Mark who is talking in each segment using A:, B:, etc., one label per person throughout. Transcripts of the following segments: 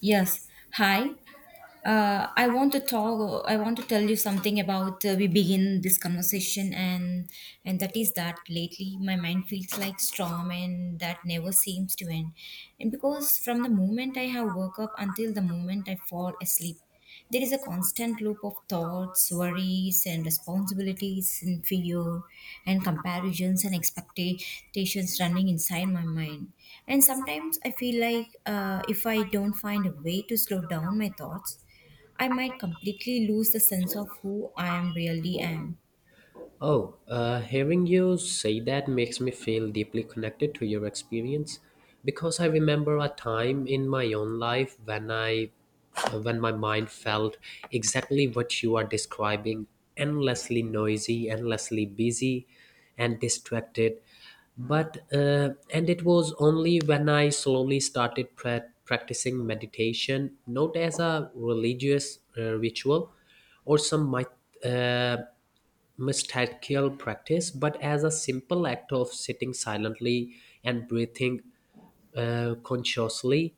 A: Yes. Hi. I want to talk. I want to tell you something about. We begin this conversation, and that is that lately my mind feels like storm, and that never seems to end. And because from the moment I have woke up until the moment I fall asleep, there is a constant loop of thoughts, worries, and responsibilities, and fear, and comparisons and expectations running inside my mind. And sometimes I feel like if I don't find a way to slow down my thoughts, I might completely lose the sense of who I am really am.
B: Oh, hearing you say that makes me feel deeply connected to your experience because I remember a time in my own life when my mind felt exactly what you are describing, endlessly noisy, endlessly busy, and distracted. But and it was only when I slowly started practicing meditation, not as a religious ritual or uh, mystical practice, but as a simple act of sitting silently and breathing consciously,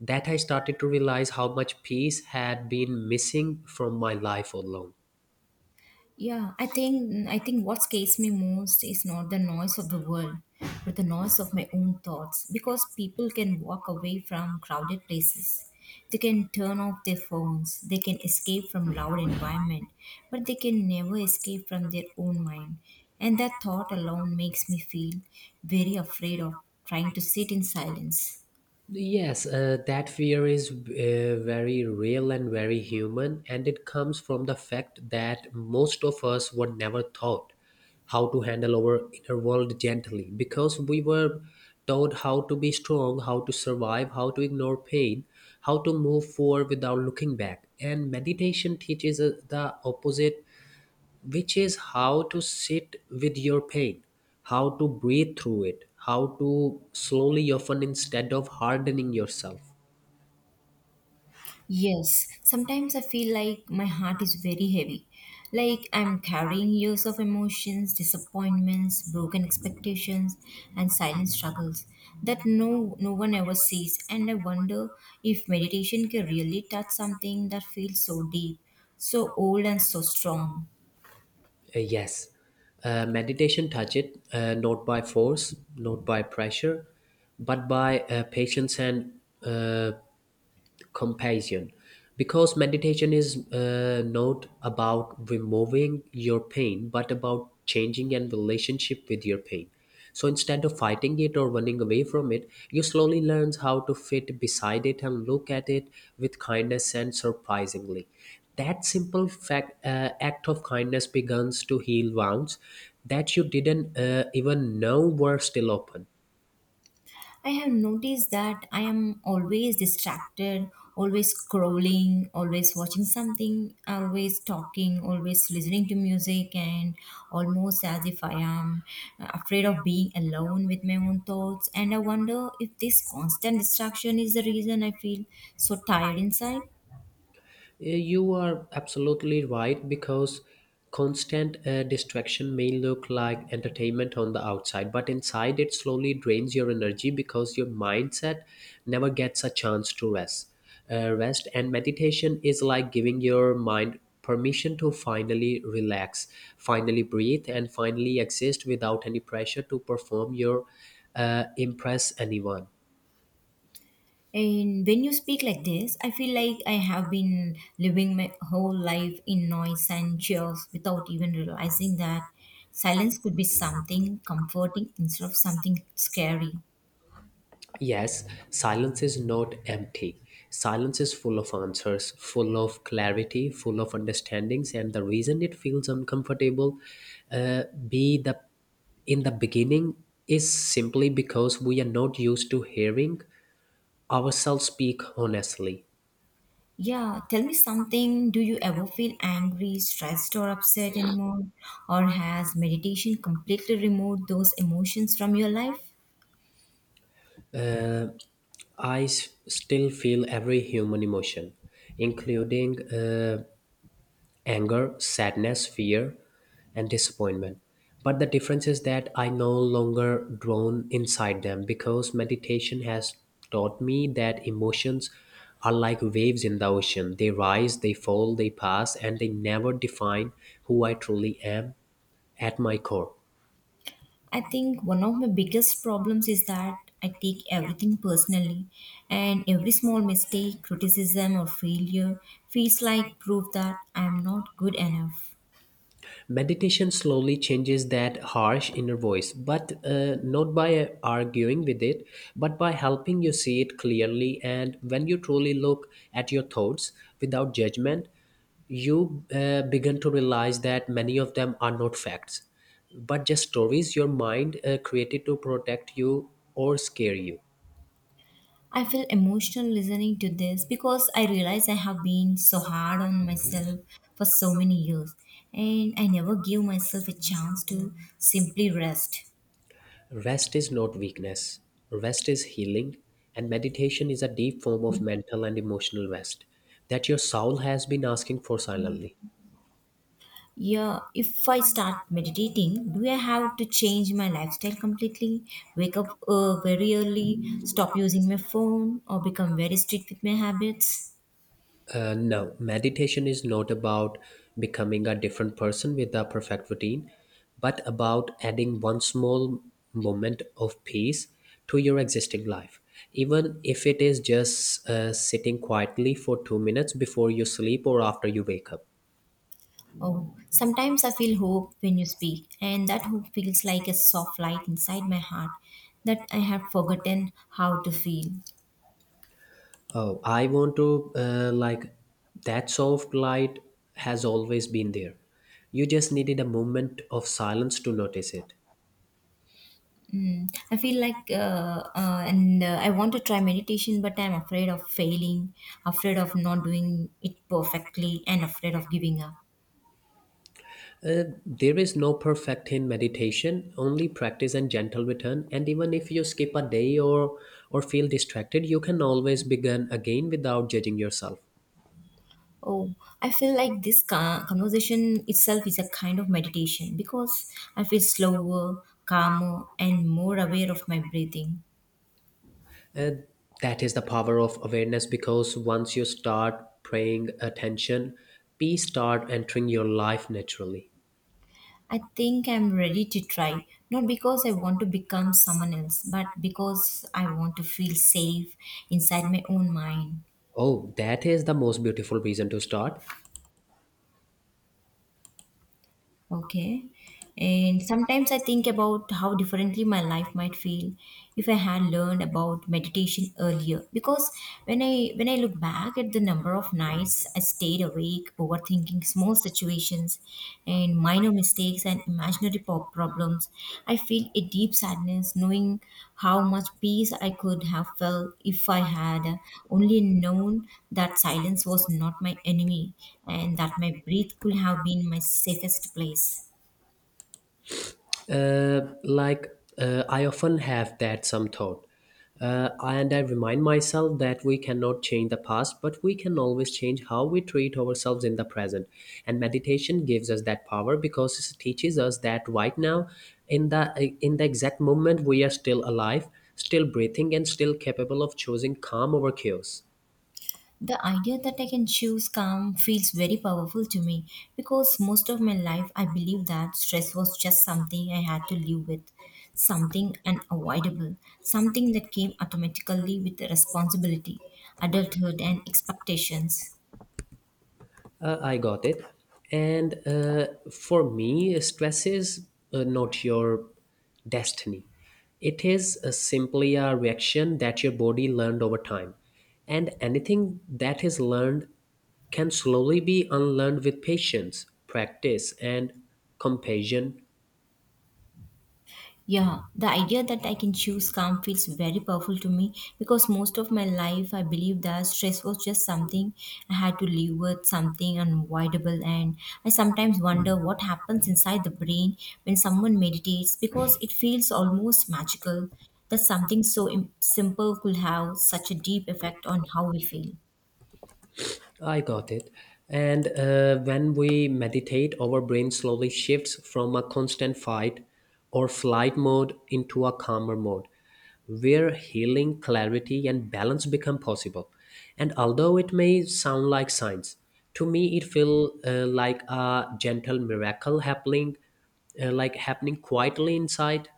B: that I started to realize how much peace had been missing from my life all along.
A: Yeah, I think what scares me most is not the noise of the world, but the noise of my own thoughts. Because people can walk away from crowded places. They can turn off their phones. They can escape from loud environment, but they can never escape from their own mind. And that thought alone makes me feel very afraid of trying to sit in silence.
B: Yes, that fear is very real and very human, and it comes from the fact that most of us were never taught how to handle our inner world gently because we were taught how to be strong, how to survive, how to ignore pain, how to move forward without looking back. And meditation teaches us the opposite, which is how to sit with your pain, how to breathe through it, how to slowly often instead of hardening yourself.
A: Yes, sometimes I feel like my heart is very heavy. Like I'm carrying years of emotions, disappointments, broken expectations, and silent struggles that no one ever sees. And I wonder if meditation can really touch something that feels so deep, so old and so strong.
B: Uh, yes, Meditation touch it, not by force, not by pressure, but by patience and uh, compassion, because meditation is not about removing your pain but about changing and relationship with your pain. So instead of fighting it or running away from it, you slowly learn how to fit beside it and look at it with kindness. And surprisingly, that simple fact act of kindness begins to heal wounds that you didn't even know were still open.
A: I have noticed that I am always distracted, always scrolling, always watching something, always talking, always listening to music, and almost as if I am afraid of being alone with my own thoughts. And I wonder if this constant distraction is the reason I feel so tired inside.
B: You are absolutely right, because constant distraction may look like entertainment on the outside, but inside it slowly drains your energy because your mindset never gets a chance to rest. Rest and meditation is like giving your mind permission to finally relax, finally breathe, and finally exist without any pressure to perform your impress anyone.
A: And when you speak like this, I feel like I have been living my whole life in noise and cheers without even realizing that silence could be something comforting instead of something scary.
B: Yes, silence is not empty. Silence is full of answers, full of clarity, full of understandings, and the reason it feels uncomfortable, be the in the beginning, is simply because we are not used to hearing ourselves speak honestly.
A: Yeah, tell me something. Do you ever feel angry, stressed, or upset anymore? Or has meditation completely removed those emotions from your life?
B: I still feel every human emotion, including anger, sadness, fear, and disappointment. But the difference is that I no longer drown inside them, because meditation has taught me that emotions are like waves in the ocean. They rise, they fall, they pass, and they never define who I truly am at my core.
A: I think one of my biggest problems is that I take everything personally, and every small mistake, criticism, or failure feels like proof that I am not good enough.
B: Meditation slowly changes that harsh inner voice, but not by arguing with it, but by helping you see it clearly. And when you truly look at your thoughts without judgment, you begin to realize that many of them are not facts, but just stories your mind created to protect you or scare you.
A: I feel emotional listening to this because I realize I have been so hard on myself for so many years, and I never give myself a chance to simply rest.
B: Rest is not weakness, rest is healing, and meditation is a deep form of mental and emotional rest that your soul has been asking for silently.
A: Yeah, if I start meditating, do I have to change my lifestyle completely? Wake up very early, stop using my phone, or become very strict with my habits?
B: No, meditation is not about becoming a different person with a perfect routine, but about adding one small moment of peace to your existing life. Even if it is just sitting quietly for 2 minutes before you sleep or after you wake up.
A: Oh, sometimes I feel hope when you speak, and that hope feels like a soft light inside my heart that I have forgotten how to feel.
B: Oh, I want to like that soft light has always been there. You just needed a moment of silence to notice it.
A: I feel like, and I want to try meditation, but I'm afraid of failing, afraid of not doing it perfectly, and afraid of giving up.
B: There is no perfect in meditation, only practice and gentle return. And even if you skip a day or feel distracted, you can always begin again without judging yourself.
A: Oh, I feel like this conversation itself is a kind of meditation because I feel slower, calmer, and more aware of my breathing.
B: Uh, that is the power of awareness, because once you start paying attention, peace start entering your life naturally.
A: I think I'm ready to try, not because I want to become someone else, but because I want to feel safe inside my own mind.
B: Oh, that is the most beautiful reason to start.
A: Okay. And sometimes I think about how differently my life might feel if I had learned about meditation earlier. Because when I look back at the number of nights I stayed awake overthinking small situations and minor mistakes and imaginary problems. I feel a deep sadness knowing how much peace I could have felt if I had only known that silence was not my enemy and that my breath could have been my safest place.
B: Uh, like, I often have that some thought. And I remind myself that we cannot change the past, but we can always change how we treat ourselves in the present. And meditation gives us that power because it teaches us that right now, in the exact moment, we are still alive, still breathing, and still capable of choosing calm over chaos.
A: The idea that I can choose calm feels very powerful to me because most of my life I believed that stress was just something I had to live with, something unavoidable, something that came automatically with the responsibility, adulthood, and expectations.
B: I got it. And for me, stress is not your destiny. It is simply a reaction that your body learned over time. And anything that is learned can slowly be unlearned with patience, practice, and compassion.
A: Yeah, the idea that I can choose calm feels very powerful to me because most of my life I believed that stress was just something I had to live with, something unavoidable. And I sometimes wonder what happens inside the brain when someone meditates because it feels almost magical that something so simple could have such a deep effect on how we feel.
B: I got it. And when we meditate, our brain slowly shifts from a constant fight or flight mode into a calmer mode, where healing, clarity, and balance become possible. And although it may sound like science, to me it feels like a gentle miracle happening, like happening quietly inside.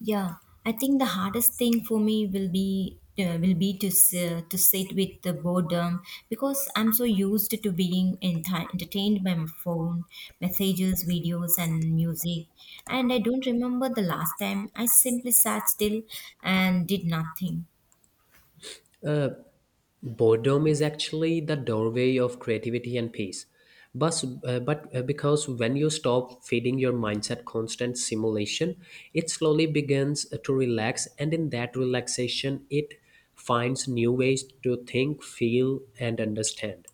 A: Yeah, I think the hardest thing for me will be will be to sit with the boredom because I'm so used to being entertained by my phone, messages, videos, and music, and I don't remember the last time I simply sat still and did nothing.
B: Boredom is actually the doorway of creativity and peace. But because when you stop feeding your mindset constant simulation, it slowly begins to relax, and in that relaxation, it finds new ways to think, feel, and understand.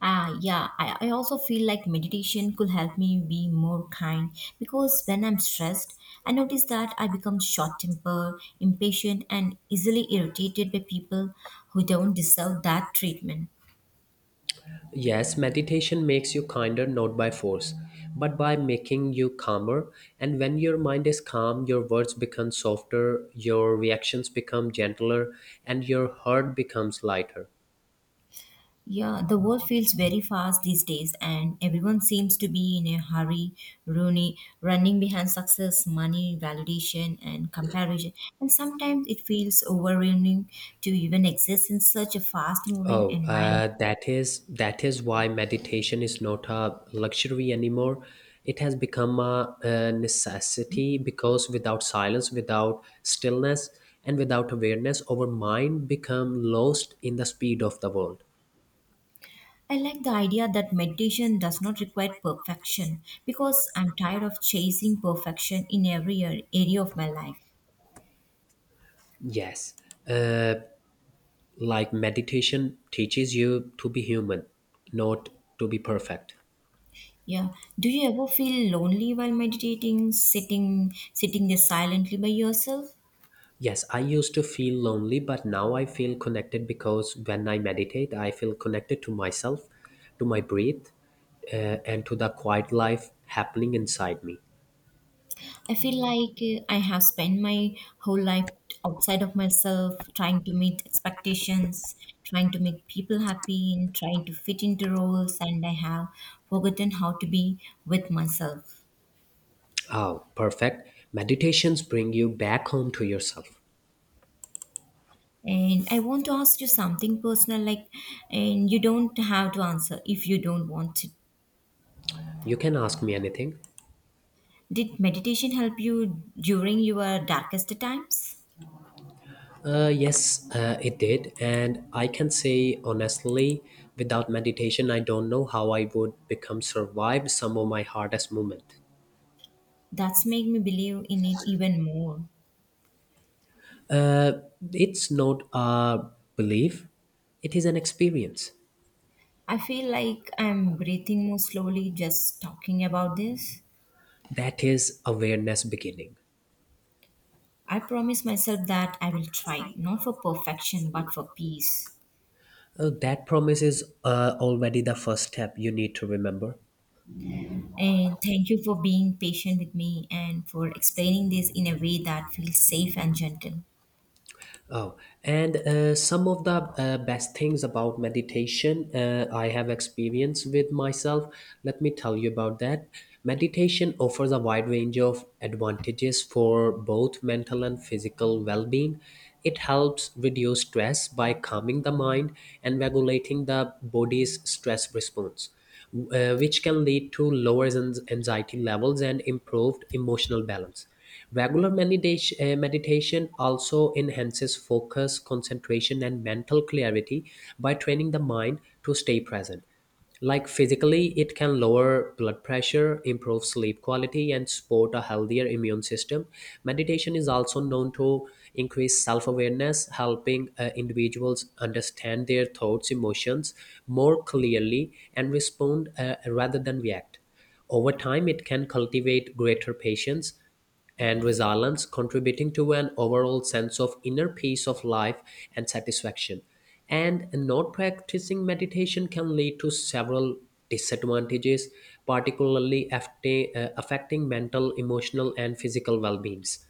A: Ah, yeah, I also feel like meditation could help me be more kind because when I'm stressed, I notice that I become short tempered, impatient, and easily irritated by people who don't deserve that treatment.
B: Yes, meditation makes you kinder not by force, but by making you calmer. And when your mind is calm, your words become softer, your reactions become gentler, and your heart becomes lighter.
A: Yeah, the world feels very fast these days, and everyone seems to be in a hurry, running, running behind success, money, validation, and comparison. And sometimes it feels overwhelming to even exist in such a fast moving
B: Oh,
A: environment.
B: uh, that is that is why meditation is not a luxury anymore. It has become a necessity, because without silence, without stillness, and without awareness, our mind become lost in the speed of the world.
A: I like the idea that meditation does not require perfection because I'm tired of chasing perfection in every area of my life.
B: Yes, like meditation teaches you to be human, not to be perfect.
A: Yeah. Do you ever feel lonely while meditating, sitting there silently by yourself?
B: Yes, I used to feel lonely, but now I feel connected, because when I meditate, I feel connected to myself, to my breath, and to the quiet life happening inside me.
A: I feel like I have spent my whole life outside of myself, trying to meet expectations, trying to make people happy, and trying to fit into roles, and I have forgotten how to be with myself.
B: Oh, perfect. Meditations bring you back home to yourself.
A: And I want to ask you something personal, like, and you don't have to answer if you don't want to.
B: You can ask me anything.
A: Did meditation help you during your darkest times?
B: Yes, it did. And I can say honestly, without meditation, I don't know how I would become survived some of my hardest moment.
A: That's made me believe in it even more.
B: It's not a belief, it is an experience.
A: I feel like I'm breathing more slowly just talking about this.
B: That is awareness beginning.
A: I promise myself that I will try, not for perfection, but for peace.
B: That promise is already the first step you need to remember.
A: And thank you for being patient with me and for explaining this in a way that feels safe and gentle.
B: Oh, and some of the best things about meditation I have experience with myself. Let me tell you about that. Meditation offers a wide range of advantages for both mental and physical well being. It helps reduce stress by calming the mind and regulating the body's stress response, which can lead to lower anxiety levels and improved emotional balance. Regular meditation also enhances focus, concentration, and mental clarity by training the mind to stay present. Like physically, it can lower blood pressure, improve sleep quality, and support a healthier immune system. Meditation is also known to increase self awareness, helping individuals understand their thoughts, emotions more clearly, and respond rather than react. Over time, it can cultivate greater patience and resilience, contributing to an overall sense of inner peace of life and satisfaction. And not practicing meditation can lead to several disadvantages, particularly affecting mental, emotional, and physical well beings.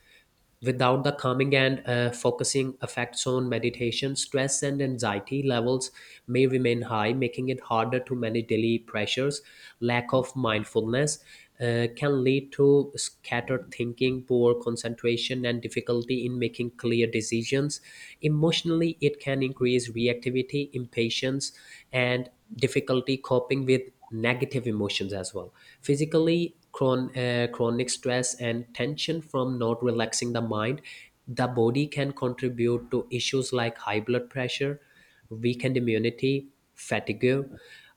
B: Without the calming and focusing effects on meditation, stress and anxiety levels may remain high, making it harder to manage daily pressures. Lack of mindfulness can lead to scattered thinking, poor concentration, and difficulty in making clear decisions. Emotionally, it can increase reactivity, impatience, and difficulty coping with negative emotions as well. Physically, chronic stress and tension from not relaxing the mind, the body can contribute to issues like high blood pressure, weakened immunity, fatigue.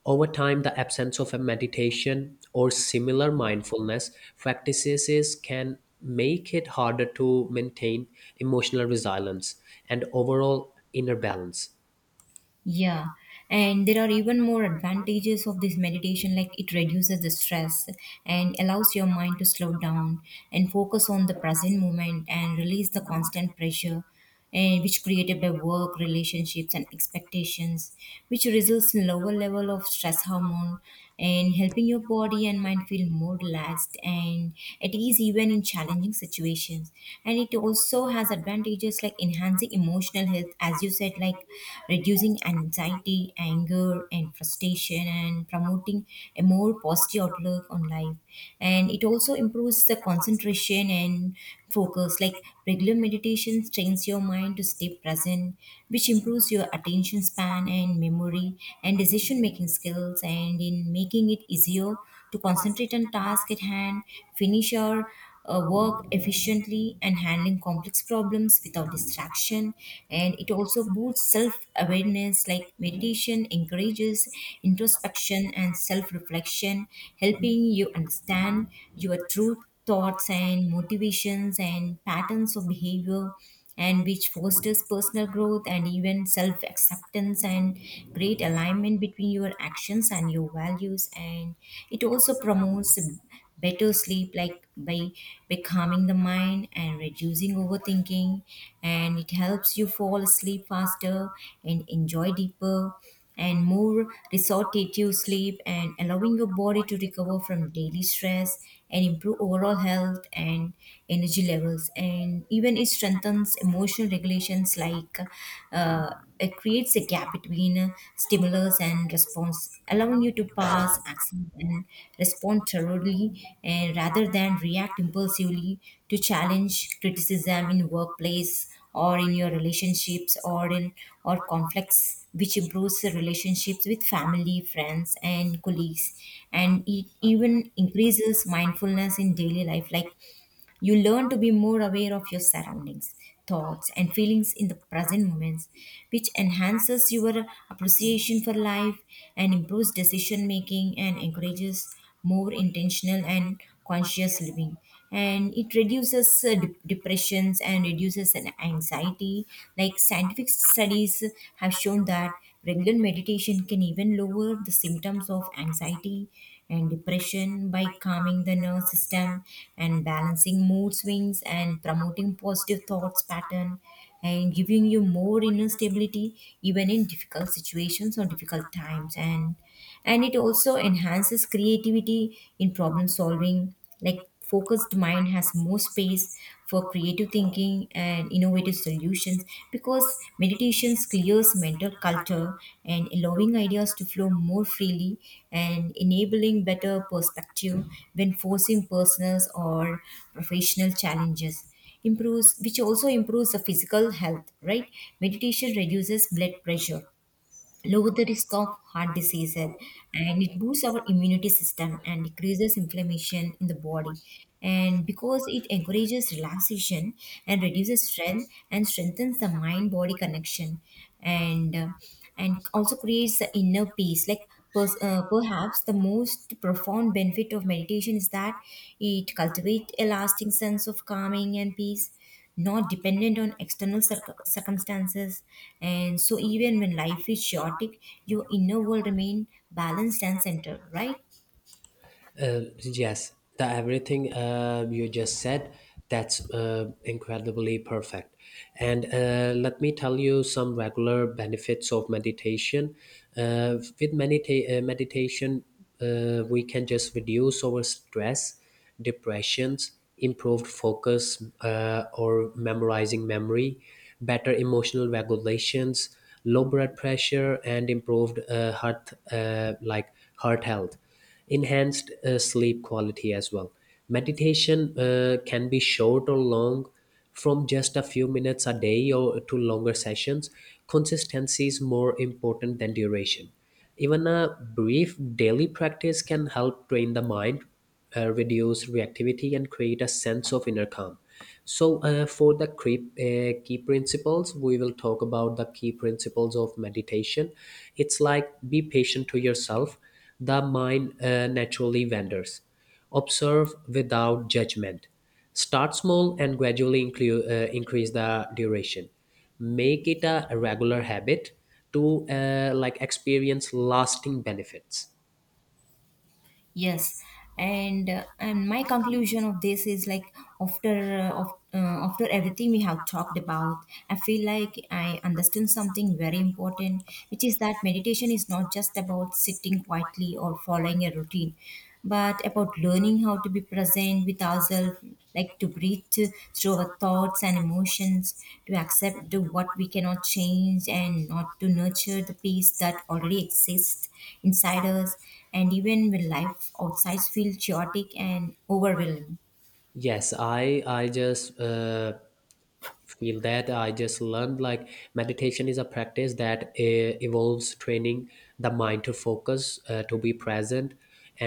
B: Over time, the absence of a meditation or similar mindfulness practices can make it harder to maintain emotional resilience and overall inner balance.
A: Yeah, and there are even more advantages of this meditation, like it reduces the stress and allows your mind to slow down and focus on the present moment and release the constant pressure and which created by work, relationships and expectations, which results in lower level of stress hormone and helping your body and mind feel more relaxed and at ease even in challenging situations and it also has advantages like enhancing emotional health as you said like reducing anxiety anger and frustration and promoting a more positive outlook on life and it also improves the concentration and focus like regular meditation trains your mind to stay present which improves your attention span and memory and decision making skills and in making it easier to concentrate on task at hand, finish your work efficiently, and handling complex problems without distraction. And it also boosts self awareness, like meditation encourages introspection and self reflection, helping you understand your truth thoughts and motivations and patterns of behavior and which fosters personal growth and even self acceptance and great alignment between your actions and your values and it also promotes better sleep like by calming the mind and reducing overthinking and it helps you fall asleep faster and enjoy deeper and more restorative sleep and allowing your body to recover from daily stress and improve overall health and energy levels and even it strengthens emotional regulations like uh, it creates a gap between stimulus and response allowing you to pass accept and respond thoroughly and rather than react impulsively to challenge criticism in workplace or in your relationships or in or conflicts which improves the relationships with family, friends, and colleagues. And it even increases mindfulness in daily life. Like you learn to be more aware of your surroundings, thoughts, and feelings in the present moments, which enhances your appreciation for life and improves decision making and encourages more intentional and conscious living and it reduces depressions and reduces an anxiety like scientific studies have shown that regular meditation can even lower the symptoms of anxiety and depression by calming the nervous system and balancing mood swings and promoting positive thoughts pattern and giving you more inner stability even in difficult situations or difficult times and it also enhances creativity in problem solving like focused mind has more space for creative thinking and innovative solutions because meditations clears mental clutter and allowing ideas to flow more freely and enabling better perspective when forcing personal or professional challenges improves which also improves the physical health, right? Meditation reduces blood pressure, lower the risk of heart diseases, and it boosts our immunity system and decreases inflammation in the body and because it encourages relaxation and reduces stress and strengthens the mind body connection and uh, and also creates the inner peace like perhaps the most profound benefit of meditation is that it cultivates a lasting sense of calming and peace not dependent on external circumstances and so even when life is chaotic your inner world remain balanced and centered, right?
B: Yes, the everything you just said, that's incredibly perfect. And let me tell you some regular benefits of meditation. With meditation, we can just reduce our stress, depressions, improved focus or memorizing memory, better emotional regulations, low blood pressure, and improved heart like heart health, enhanced sleep quality as well. Meditation can be short or long, from just a few minutes a day or to longer sessions. Consistency is more important than duration. Even a brief daily practice can help train the mind, reduce reactivity and create a sense of inner calm. So for the key principles, we will talk about the key principles of meditation. It's like be patient to yourself. The mind naturally wanders. Observe without judgment. Start small and gradually increase the duration. Make it a regular habit to like experience lasting benefits.
A: Yes, and my conclusion of this is like after uh, of, uh, after everything we have talked about, I feel like I understand something very important, which is that meditation is not just about sitting quietly or following a routine, but about learning how to be present with ourselves, like to breathe through our thoughts and emotions, to accept the what we cannot change, and not to nurture the peace that already exists inside us and even when life outside feels chaotic and overwhelming.
B: Yes, I just feel that I just learned, like, meditation is a practice that evolves training the mind to focus, to be present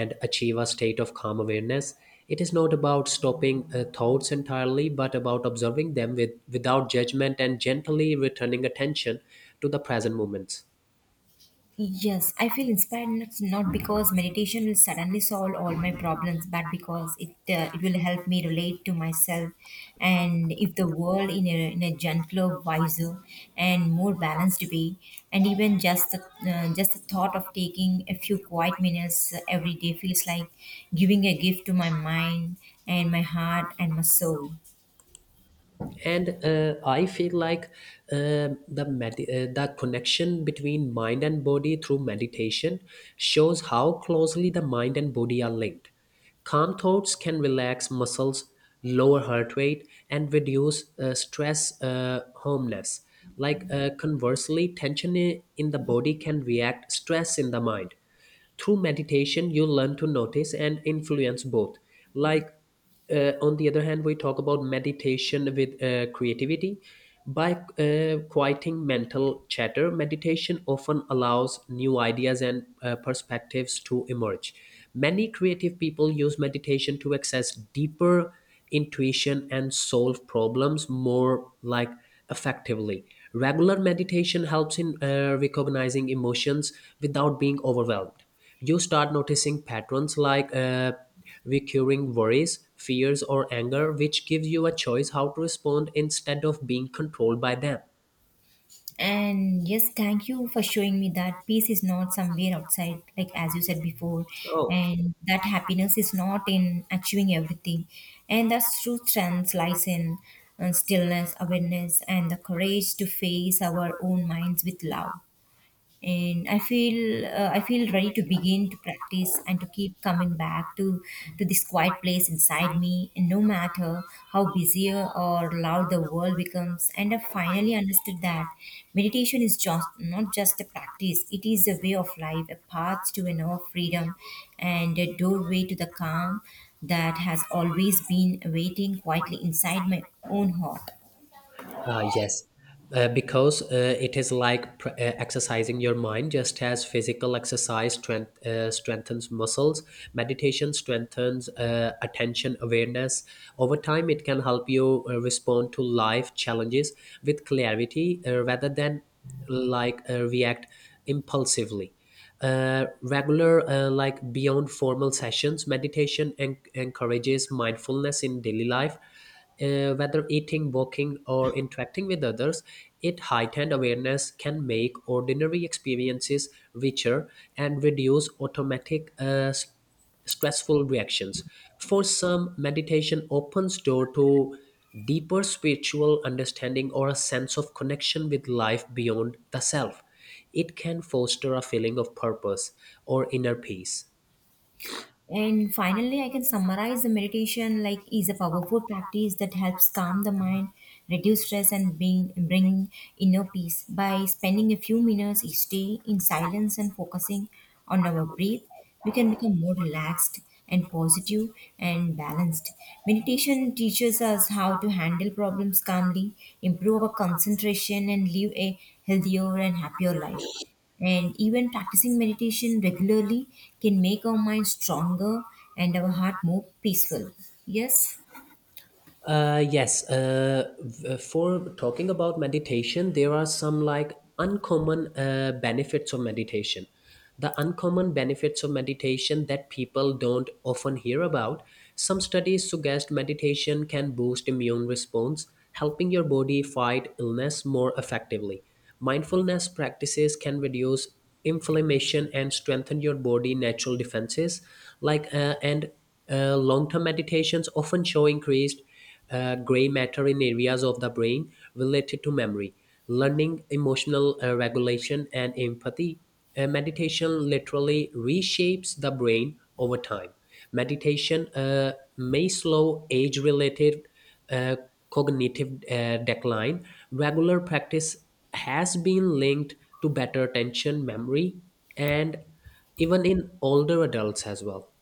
B: and achieve a state of calm awareness. It is not about stopping thoughts entirely but about observing them with without judgment and gently returning attention to the present moments.
A: Yes, I feel inspired, not because meditation will suddenly solve all my problems, but because it will help me relate to myself and if the world in a gentler, wiser, and more balanced way. And even just just the thought of taking a few quiet minutes every day feels like giving a gift to my mind and my heart and my soul.
B: And I feel like the connection between mind and body through meditation shows how closely the mind and body are linked. Calm thoughts can relax muscles, lower heart rate and reduce stress homeless. Like, conversely tension in the body can react stress in the mind. Through meditation you learn to notice and influence both. Like, on the other hand, we talk about meditation with creativity. By quieting mental chatter, meditation often allows new ideas and perspectives to emerge. Many creative people use meditation to access deeper intuition and solve problems more, like, effectively. Regular meditation helps in recognizing emotions without being overwhelmed. You start noticing patterns like recurring worries, fears, or anger, which gives you a choice how to respond instead of being controlled by them.
A: And yes, thank you for showing me that peace is not somewhere outside, like as you said before,
B: Oh.
A: and that happiness is not in achieving everything. And that's true strength lies in stillness, awareness, and the courage to face our own minds with love. And I feel ready to begin to practice and to keep coming back to this quiet place inside me, and no matter how busy or loud the world becomes. And I finally understood that meditation is just not just a practice, it is a way of life, a path to an hour of freedom, and a doorway to the calm that has always been waiting quietly inside my own heart.
B: Yes, because it is like exercising your mind. Just as physical exercise strength, strengthens muscles, meditation strengthens attention awareness. Over time, it can help you respond to life challenges with clarity, rather than, like, react impulsively. Regular, like, beyond formal sessions, meditation encourages mindfulness in daily life. Whether eating, walking, or interacting with others, it heightened awareness can make ordinary experiences richer and reduce automatic stressful reactions. For some, meditation opens door to deeper spiritual understanding or a sense of connection with life beyond the self. It can foster a feeling of purpose or inner peace.
A: And finally, I can summarize the meditation like is a powerful practice that helps calm the mind, reduce stress, and bring inner peace. By spending a few minutes each day in silence and focusing on our breath, we can become more relaxed and positive and balanced. Meditation teaches us how to handle problems calmly, improve our concentration, and live a healthier and happier life. And even practicing meditation regularly can make our mind stronger and our heart more peaceful. Yes?
B: Yes. For talking about meditation, there are some, like, uncommon benefits of meditation. The uncommon benefits of meditation that people don't often hear about. Some studies suggest meditation can boost immune response, helping your body fight illness more effectively. Mindfulness practices can reduce inflammation and strengthen your body natural defenses. Like, and long-term meditations often show increased gray matter in areas of the brain related to memory, learning, emotional regulation, and empathy. Meditation literally reshapes the brain over time. Meditation may slow age related uh, cognitive decline. Regular practice has been linked to better attention, memory, and even in older adults as well.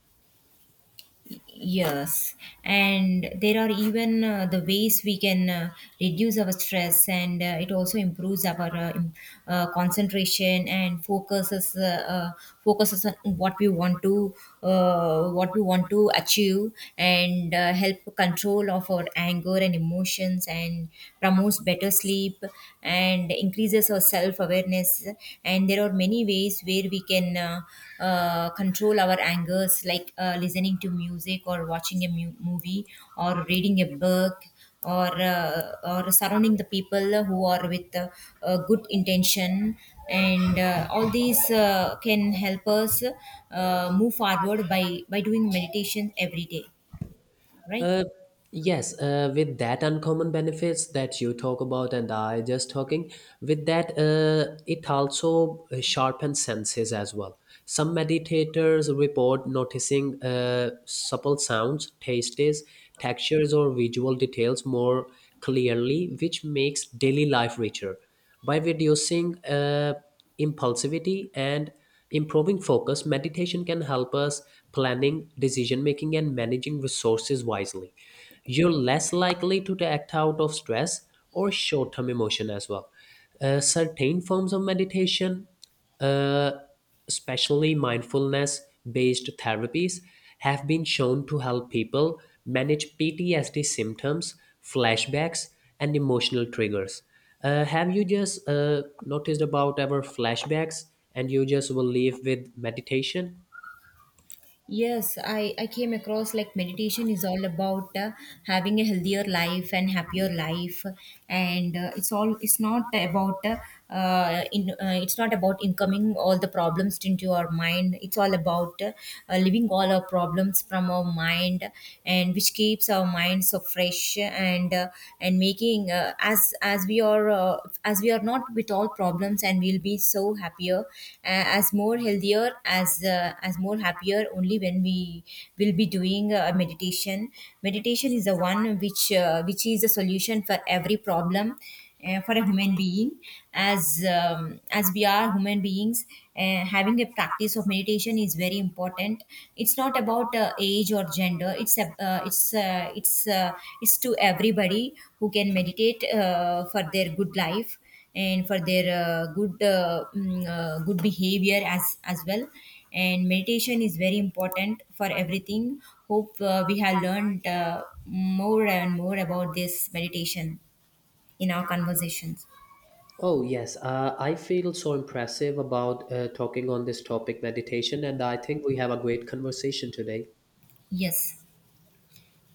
A: Yes, and there are even the ways we can reduce our stress, and it also improves our concentration and focuses on what we want to what we want to achieve, and help control of our anger and emotions, and promotes better sleep, and increases our self awareness. And there are many ways where we can control our angers, like listening to music or watching a movie or reading a book or uh, or surrounding the people who are with a good intention. And all these can help us move forward by doing meditation every day, right?
B: Uh, yes, with that uncommon benefits that you talk about and I just talking, with that, it also sharpens senses as well. Some meditators report noticing supple sounds, tastes, textures, or visual details more clearly, which makes daily life richer. By reducing impulsivity and improving focus, meditation can help us planning, decision making, and managing resources wisely. You're less likely to act out of stress or short term emotion as well. Certain forms of meditation, uh, especially mindfulness based therapies, have been shown to help people manage PTSD symptoms, flashbacks, and emotional triggers. Have you just noticed about our flashbacks and you just will leave with meditation?
A: Yes, I came across like meditation is all about having a healthier life and happier life, and it's all it's not about in it's not about incoming all the problems into our mind. It's all about living all our problems from our mind, and which keeps our mind so fresh and making as we are not with all problems, and we'll be so happier as more healthier as more happier only when we will be doing meditation. Meditation is the one which is a solution for every problem, for a human being. As as we are human beings, having a practice of meditation is very important. It's not about age or gender. It's a, it's it's It's to everybody who can meditate for their good life and for their good good behavior as well. And meditation is very important for everything. Hope we have learned more and more about this meditation in our conversations.
B: Oh, yes. I feel so impressive about talking on this topic, meditation, and I think we have a great conversation today.
A: Yes.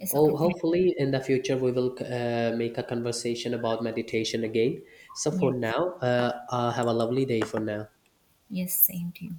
A: Yes. Okay.
B: Oh,
A: Thank you.
B: hopefully in the future we will make a conversation about meditation again. So for
A: Yes.
B: now, have a lovely day for now.
A: Yes. Same to you.